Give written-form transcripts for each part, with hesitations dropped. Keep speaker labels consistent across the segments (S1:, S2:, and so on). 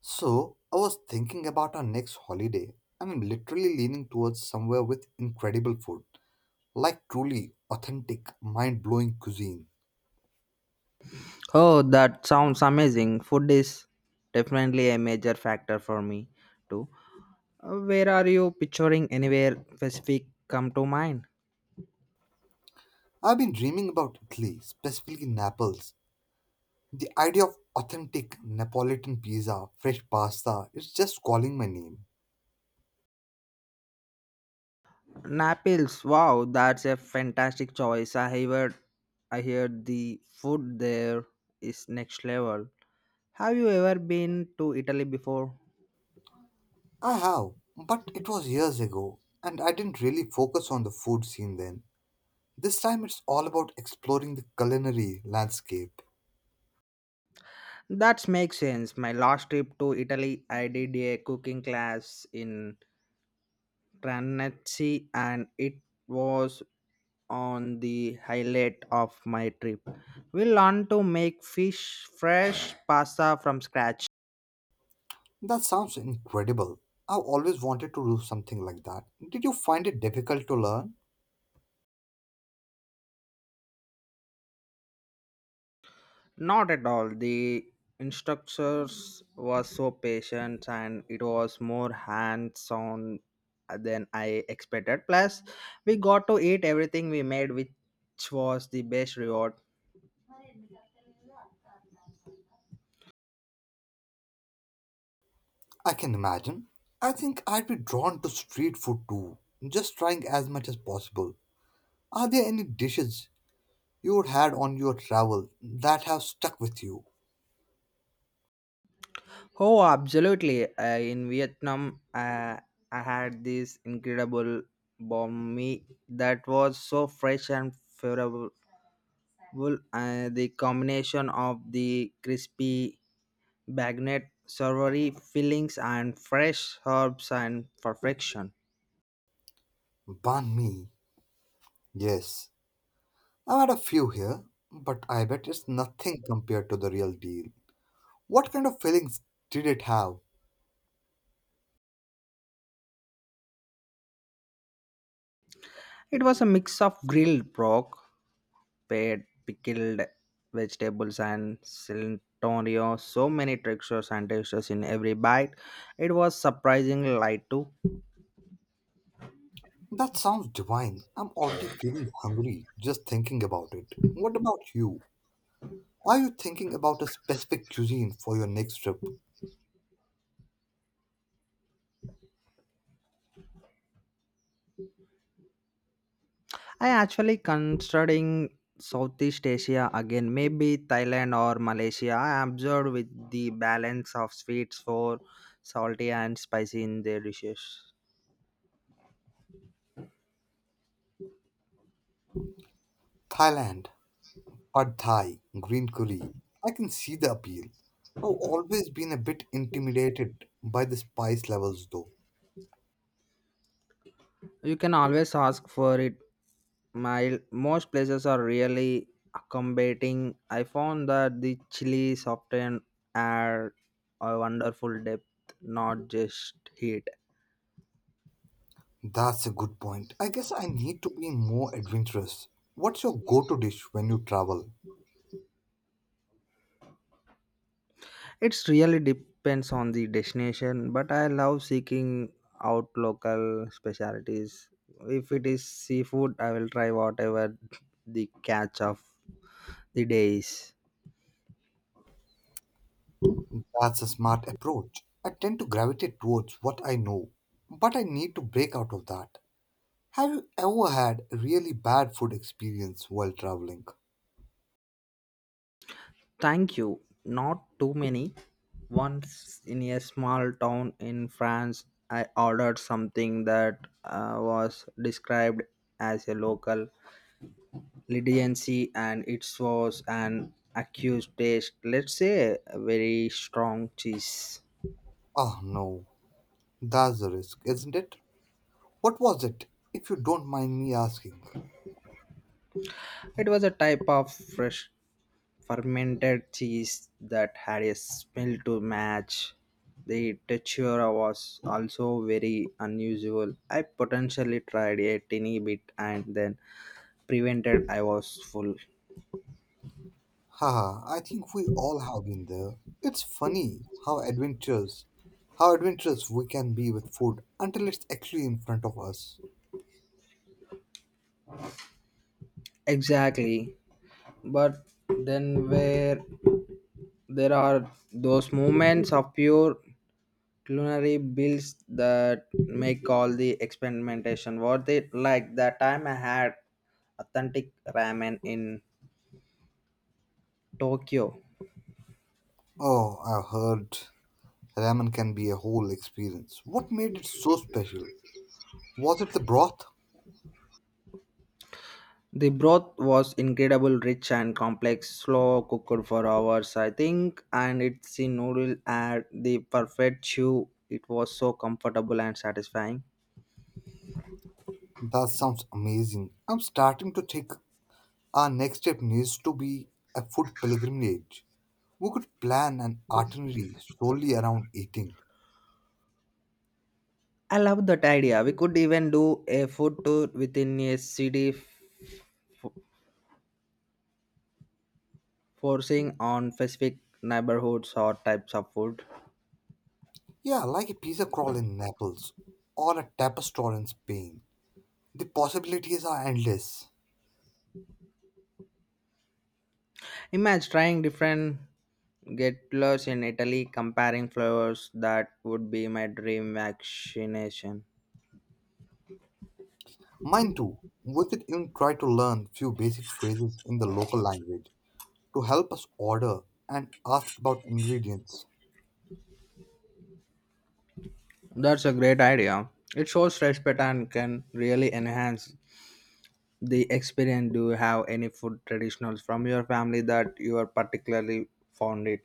S1: So, I was thinking about our next holiday, and I'm literally leaning towards somewhere with incredible food, like truly authentic, mind blowing cuisine.
S2: Oh, that sounds amazing. Food is definitely a major factor for me too. Where are you picturing anywhere specific come to mind?
S1: I've been dreaming about Italy, specifically Naples. The idea of authentic Neapolitan pizza, fresh pasta, is just calling my name.
S2: Naples. Wow, that's a fantastic choice. I heard the food there is next level. Have you ever been to Italy before?
S1: I have, but it was years ago, and I didn't really focus on the food scene then. This time it's all about exploring the culinary landscape.
S2: That makes sense. My last trip to Italy, I did a cooking class in Ranchi and it was on the highlight of my trip. We learned to make fish fresh pasta from scratch.
S1: That sounds incredible. I've always wanted to do something like that. Did you find it difficult to learn?
S2: Not at all. The instructors was so patient and it was more hands-on than I expected. Plus, we got to eat everything we made, which was the best reward.
S1: I can imagine. I think I'd be drawn to street food too, just trying as much as possible. Are there any dishes you have had on your travel that have stuck with you?
S2: Oh, absolutely. In Vietnam, I had this incredible banh mi that was so fresh and flavorful. The combination of the crispy bagnet savory fillings and fresh herbs and perfection.
S1: Banh mi. Yes. I've had a few here, but I bet it's nothing compared to the real deal. What kind of fillings did it have?
S2: It was a mix of grilled pork, paired pickled vegetables and cilantro, so many textures and textures in every bite. It was surprisingly light too.
S1: That sounds divine. I'm already feeling hungry just thinking about it. What about you? Are you thinking about a specific cuisine for your next trip?
S2: I actually considering Southeast Asia again, maybe Thailand or Malaysia. I observed with the balance of sweets for salty and spicy in their dishes.
S1: Thailand, pad Thai, green curry. I can see the appeal. I've always been a bit intimidated by the spice levels though.
S2: You can always ask for it. My most places are really accommodating. I found that the chilies often add a wonderful depth, not just heat.
S1: That's a good point. I guess I need to be more adventurous. What's your go-to dish when you travel?
S2: It's really depends on the destination, but I love seeking out local specialties. If it is seafood, I will try whatever the catch of the day is.
S1: That's a smart approach. I tend to gravitate towards what I know, but I need to break out of that. Have you ever had a really bad food experience while traveling?
S2: Thank you. Not too many. Once in a small town in France, I ordered something that was described as a local leniency and it was an accused taste. Let's say a very strong cheese.
S1: Oh no, that's a risk, isn't it? What was it, if you don't mind me asking?
S2: It was a type of fresh fermented cheese that had a smell to match. The texture was also very unusual. I potentially tried a teeny bit and then prevented I was full.
S1: Haha, I think we all have been there. It's funny how adventurous we can be with food until it's actually in front of us.
S2: Exactly. But then where there are those moments of pure culinary builds that make all the experimentation worth it. Like that time I had authentic ramen in Tokyo.
S1: Oh, I heard ramen can be a whole experience. What made it so special? Was it the broth?
S2: The broth was incredible, rich and complex, slow cooked for hours, I think, and it's the noodle at the perfect chew. It was so comfortable and satisfying.
S1: That sounds amazing. I'm starting to think our next step needs to be a food pilgrimage. We could plan an itinerary solely around eating.
S2: I love that idea. We could even do a food tour within a city, forcing on specific neighborhoods or types of food.
S1: Yeah, like a pizza crawl in Naples or a tapas store in Spain. The possibilities are endless.
S2: Imagine trying different getlers in Italy, comparing flavors. That would be my dream vaccination.
S1: Mine too. We could even try to learn few basic phrases in the local language to help us order and ask about ingredients.
S2: That's a great idea. It shows respect and can really enhance the experience. Do you have any food traditionals from your family that you are particularly fond it?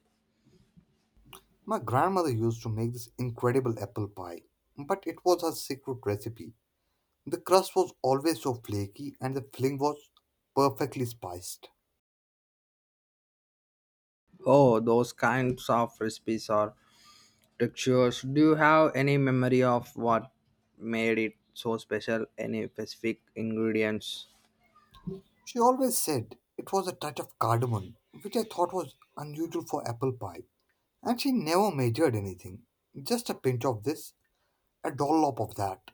S1: My grandmother used to make this incredible apple pie, but it was her secret recipe. The crust was always so flaky and the filling was perfectly spiced.
S2: Oh, those kinds of recipes or textures. Do you have any memory of what made it so special? Any specific ingredients?
S1: She always said it was a touch of cardamom, which I thought was unusual for apple pie. And she never measured anything. Just a pinch of this, a dollop of that.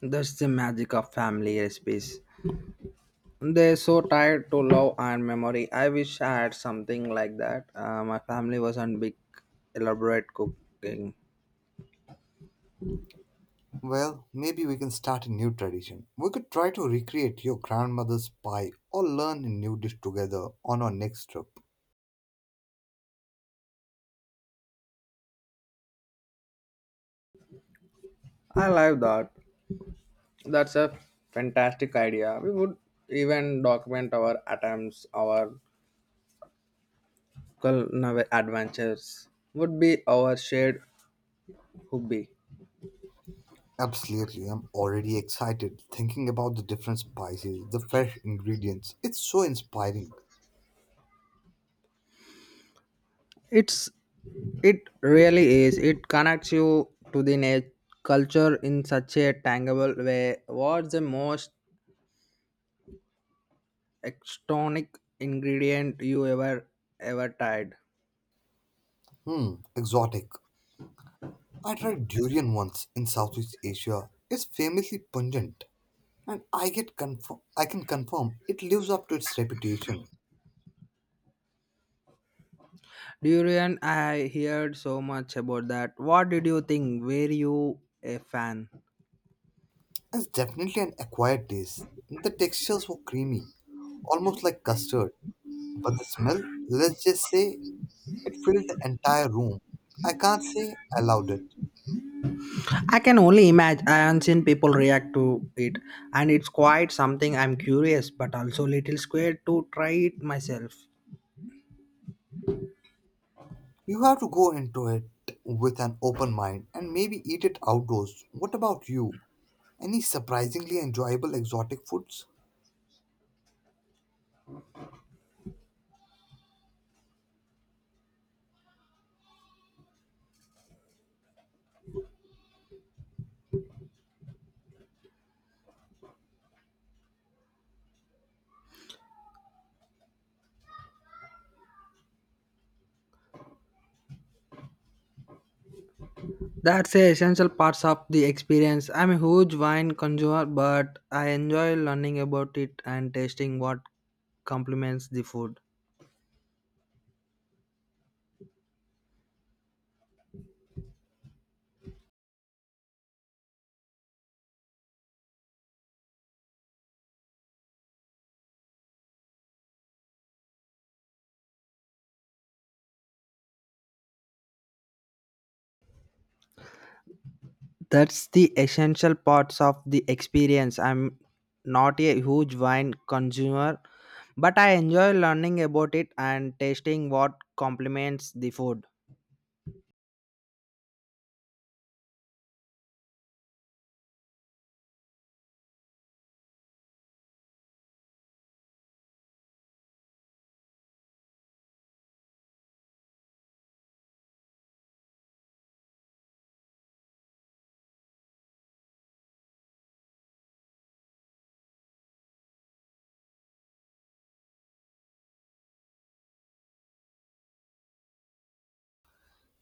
S2: That's the magic of family recipes. They're so tied to love and memory. I wish I had something like that. My family wasn't big, elaborate cooking.
S1: Well, maybe we can start a new tradition. We could try to recreate your grandmother's pie or learn a new dish together on our next trip.
S2: I like that. That's a fantastic idea. We would even document our attempts, our culinary adventures. Would be our shared hobby.
S1: Absolutely, I'm already excited thinking about the different spices, the fresh ingredients. It's so inspiring.
S2: It's it really is. It connects you to the culture in such a tangible way. What's the most extonic ingredient you ever tried?
S1: Hmm, exotic. I tried durian once in Southeast Asia. It's famously pungent, and I get confirm I can confirm it lives up to its reputation.
S2: Durian, I heard so much about that. What did you think? Were you a fan?
S1: It's definitely an acquired taste. The textures were creamy, almost like custard, but the smell, let's just say, it filled the entire room. I can't say I loved it.
S2: I can only imagine. I haven't seen people react to it, and it's quite something. I'm curious but also little scared to try it myself.
S1: You have to go into it with an open mind and maybe eat it outdoors. What about you? Any surprisingly enjoyable exotic foods?
S2: That's the essential parts of the experience. I'm a huge wine consumer but I enjoy learning about it and tasting what complements the food. That's the essential parts of the experience. I'm not a huge wine consumer, but I enjoy learning about it and tasting what complements the food.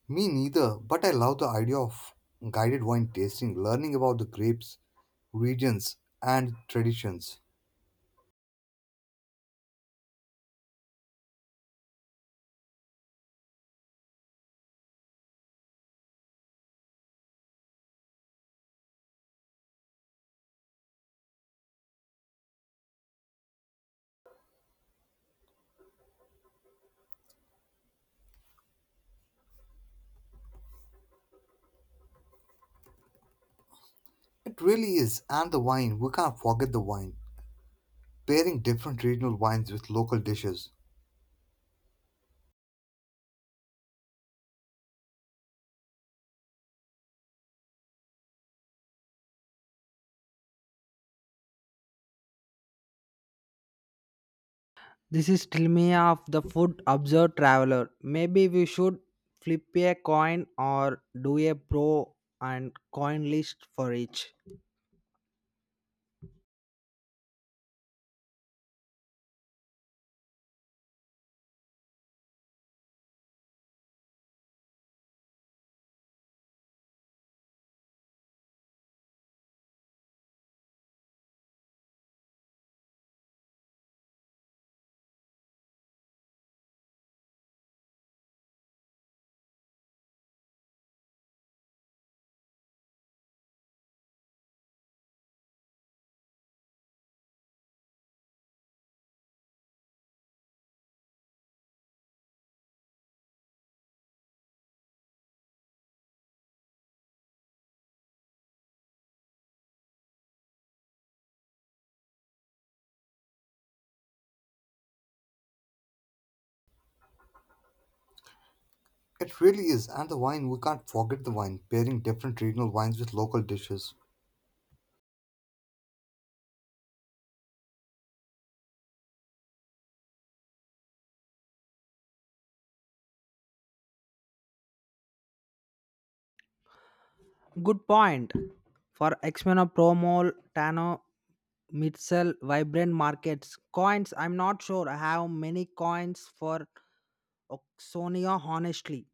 S1: Me neither, but I love the idea of guided wine tasting, learning about the grapes, regions, and traditions. It really is, and the wine, we can't forget the wine. Pairing different regional wines with local dishes.
S2: This is still me of the food observed traveler. Maybe we should flip a coin or do a pro and coin list for each.
S1: It really is, and the wine, we can't forget the wine. Pairing different regional wines with local dishes.
S2: Good point. For Xmena Promol, Tano, Mitchell, Vibrant Markets. Coins, I'm not sure. I have many coins for Oxonia, honestly,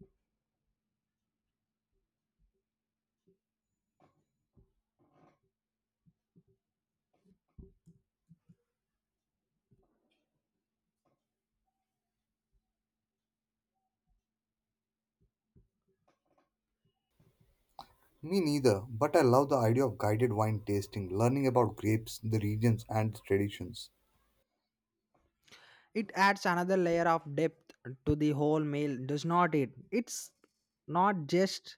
S1: Me neither, but I love the idea of guided wine tasting, learning about grapes, the regions, and the traditions.
S2: it adds another layer of depth to the whole meal, does not it? It's not just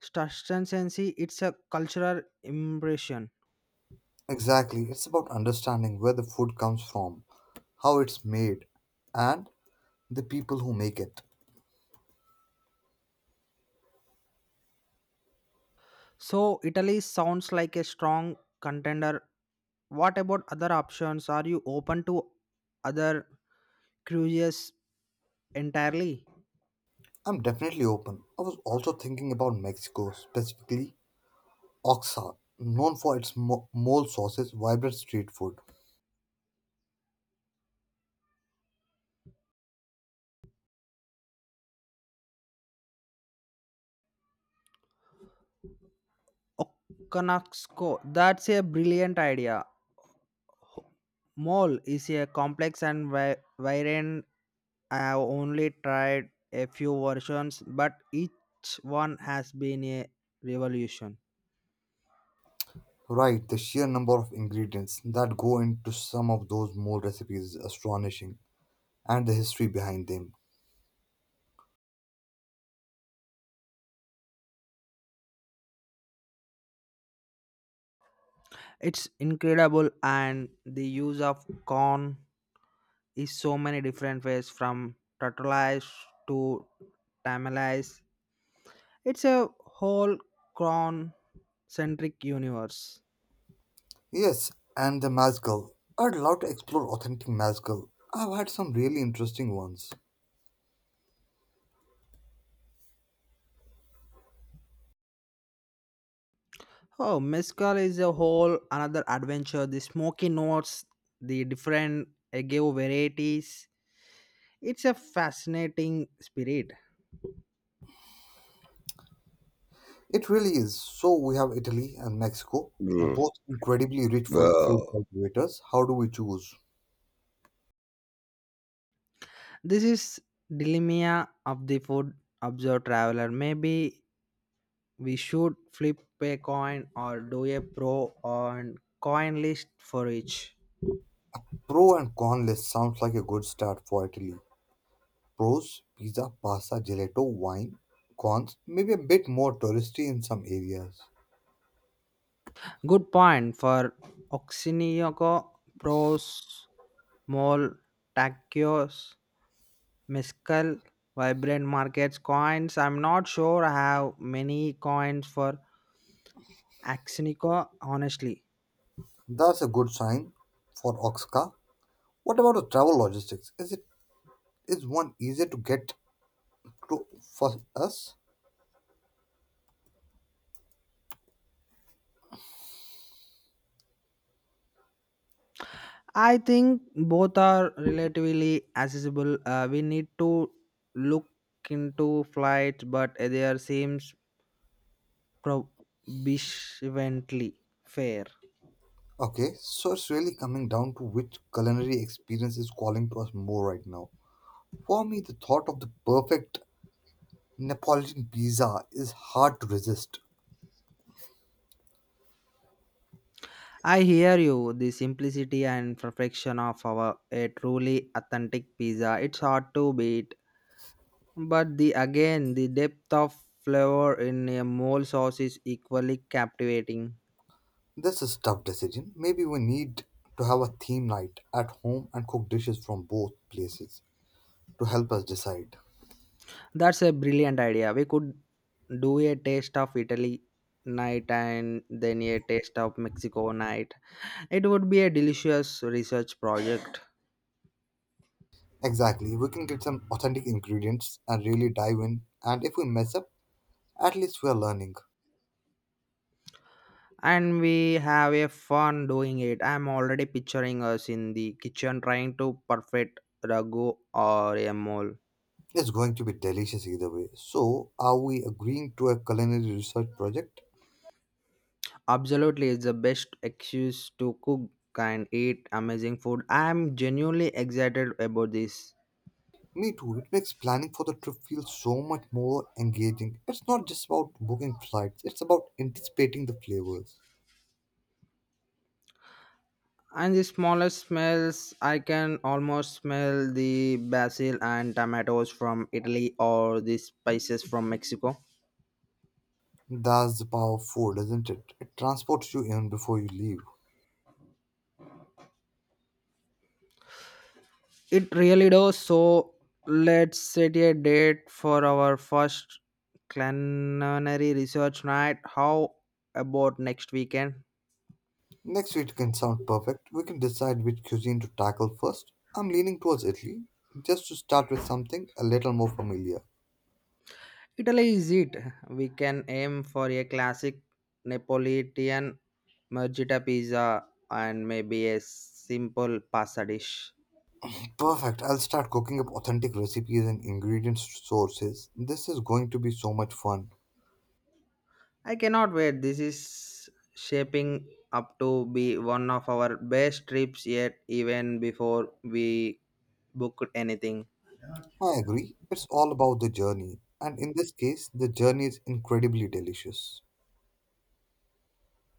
S2: sustenance; it's a cultural impression.
S1: Exactly, it's about understanding where the food comes from, how it's made, and the people who make it.
S2: So, Italy sounds like a strong contender. What about other options? Are you open to other cruises entirely?
S1: I'm definitely open. I was also thinking about Mexico, specifically Oaxaca, known for its mole sauces, vibrant street food.
S2: Okanaksko, that's a brilliant idea. Mole is a complex and variant. I have only tried a few versions, but each one has been a revolution.
S1: Right, the sheer number of ingredients that go into some of those mole recipes is astonishing, and the history behind them.
S2: It's incredible, and the use of corn is so many different ways from tortillas to tamales. It's a whole corn centric universe.
S1: Yes, and the mezcal. I'd love to explore authentic mezcal. I've had some really interesting ones.
S2: Oh, mezcal is a whole another adventure. The smoky notes, the different agave varieties. It's a fascinating spirit.
S1: It really is. So we have Italy and Mexico,
S2: Mm.
S1: both incredibly rich for food
S2: Oh.
S1: cultivators. How do we choose?
S2: This is dilemma of the food observed traveler. Maybe we should flip a coin or do a pro and coin list for each.
S1: Pro and con list sounds like a good start for Italy. Pros, pizza, pasta, gelato, wine. Cons, maybe a bit more touristy in some areas.
S2: Good point for Oxinioco pros mol taquios Mescal, vibrant markets, coins. I'm not sure I have many coins for Axinico, honestly.
S1: That's a good sign for Oxca. What about the travel logistics? Is it is one easier to get to for us?
S2: I think both are relatively accessible. We need to look into flights, but there seems prohibitively fair.
S1: Okay, so it's really coming down to which culinary experience is calling to us more right now. For me, the thought of the perfect Neapolitan pizza is hard to resist.
S2: I hear you. The simplicity and perfection of our a truly authentic pizza. It's hard to beat. But the again, the depth of flavor in a mole sauce is equally captivating.
S1: That's a tough decision. Maybe we need to have a theme night at home and cook dishes from both places to help us decide.
S2: That's a brilliant idea. We could do a taste of Italy night and then a taste of Mexico night. It would be a delicious research project.
S1: Exactly. We can get some authentic ingredients and really dive in. And if we mess up, at least we are learning.
S2: And we have a fun doing it. I'm already picturing us in the kitchen trying to perfect ragu or a mole.
S1: It's going to be delicious either way. So, are we agreeing to a culinary research project?
S2: Absolutely, it's the best excuse to cook and eat amazing food. I am genuinely excited about this.
S1: Me too. It makes planning for the trip feel so much more engaging. It's not just about booking flights, it's about anticipating the flavors.
S2: And the smallest smells, I can almost smell the basil and tomatoes from Italy or the spices from Mexico.
S1: That's the power of food, isn't it? It transports you even before you leave.
S2: It really does. So let's set a date for our first culinary research night. How about next weekend?
S1: Next week can sound perfect. We can decide which cuisine to tackle first. I'm leaning towards Italy, just to start with something a little more familiar.
S2: Italy is it. We can aim for a classic Neapolitan margherita pizza and maybe a simple pasta dish.
S1: Perfect. I'll start cooking up authentic recipes and ingredient sources. This is going to be so much fun.
S2: I cannot wait. This is shaping up to be one of our best trips yet, even before we booked anything.
S1: I agree. It's all about the journey. And in this case, the journey is incredibly delicious.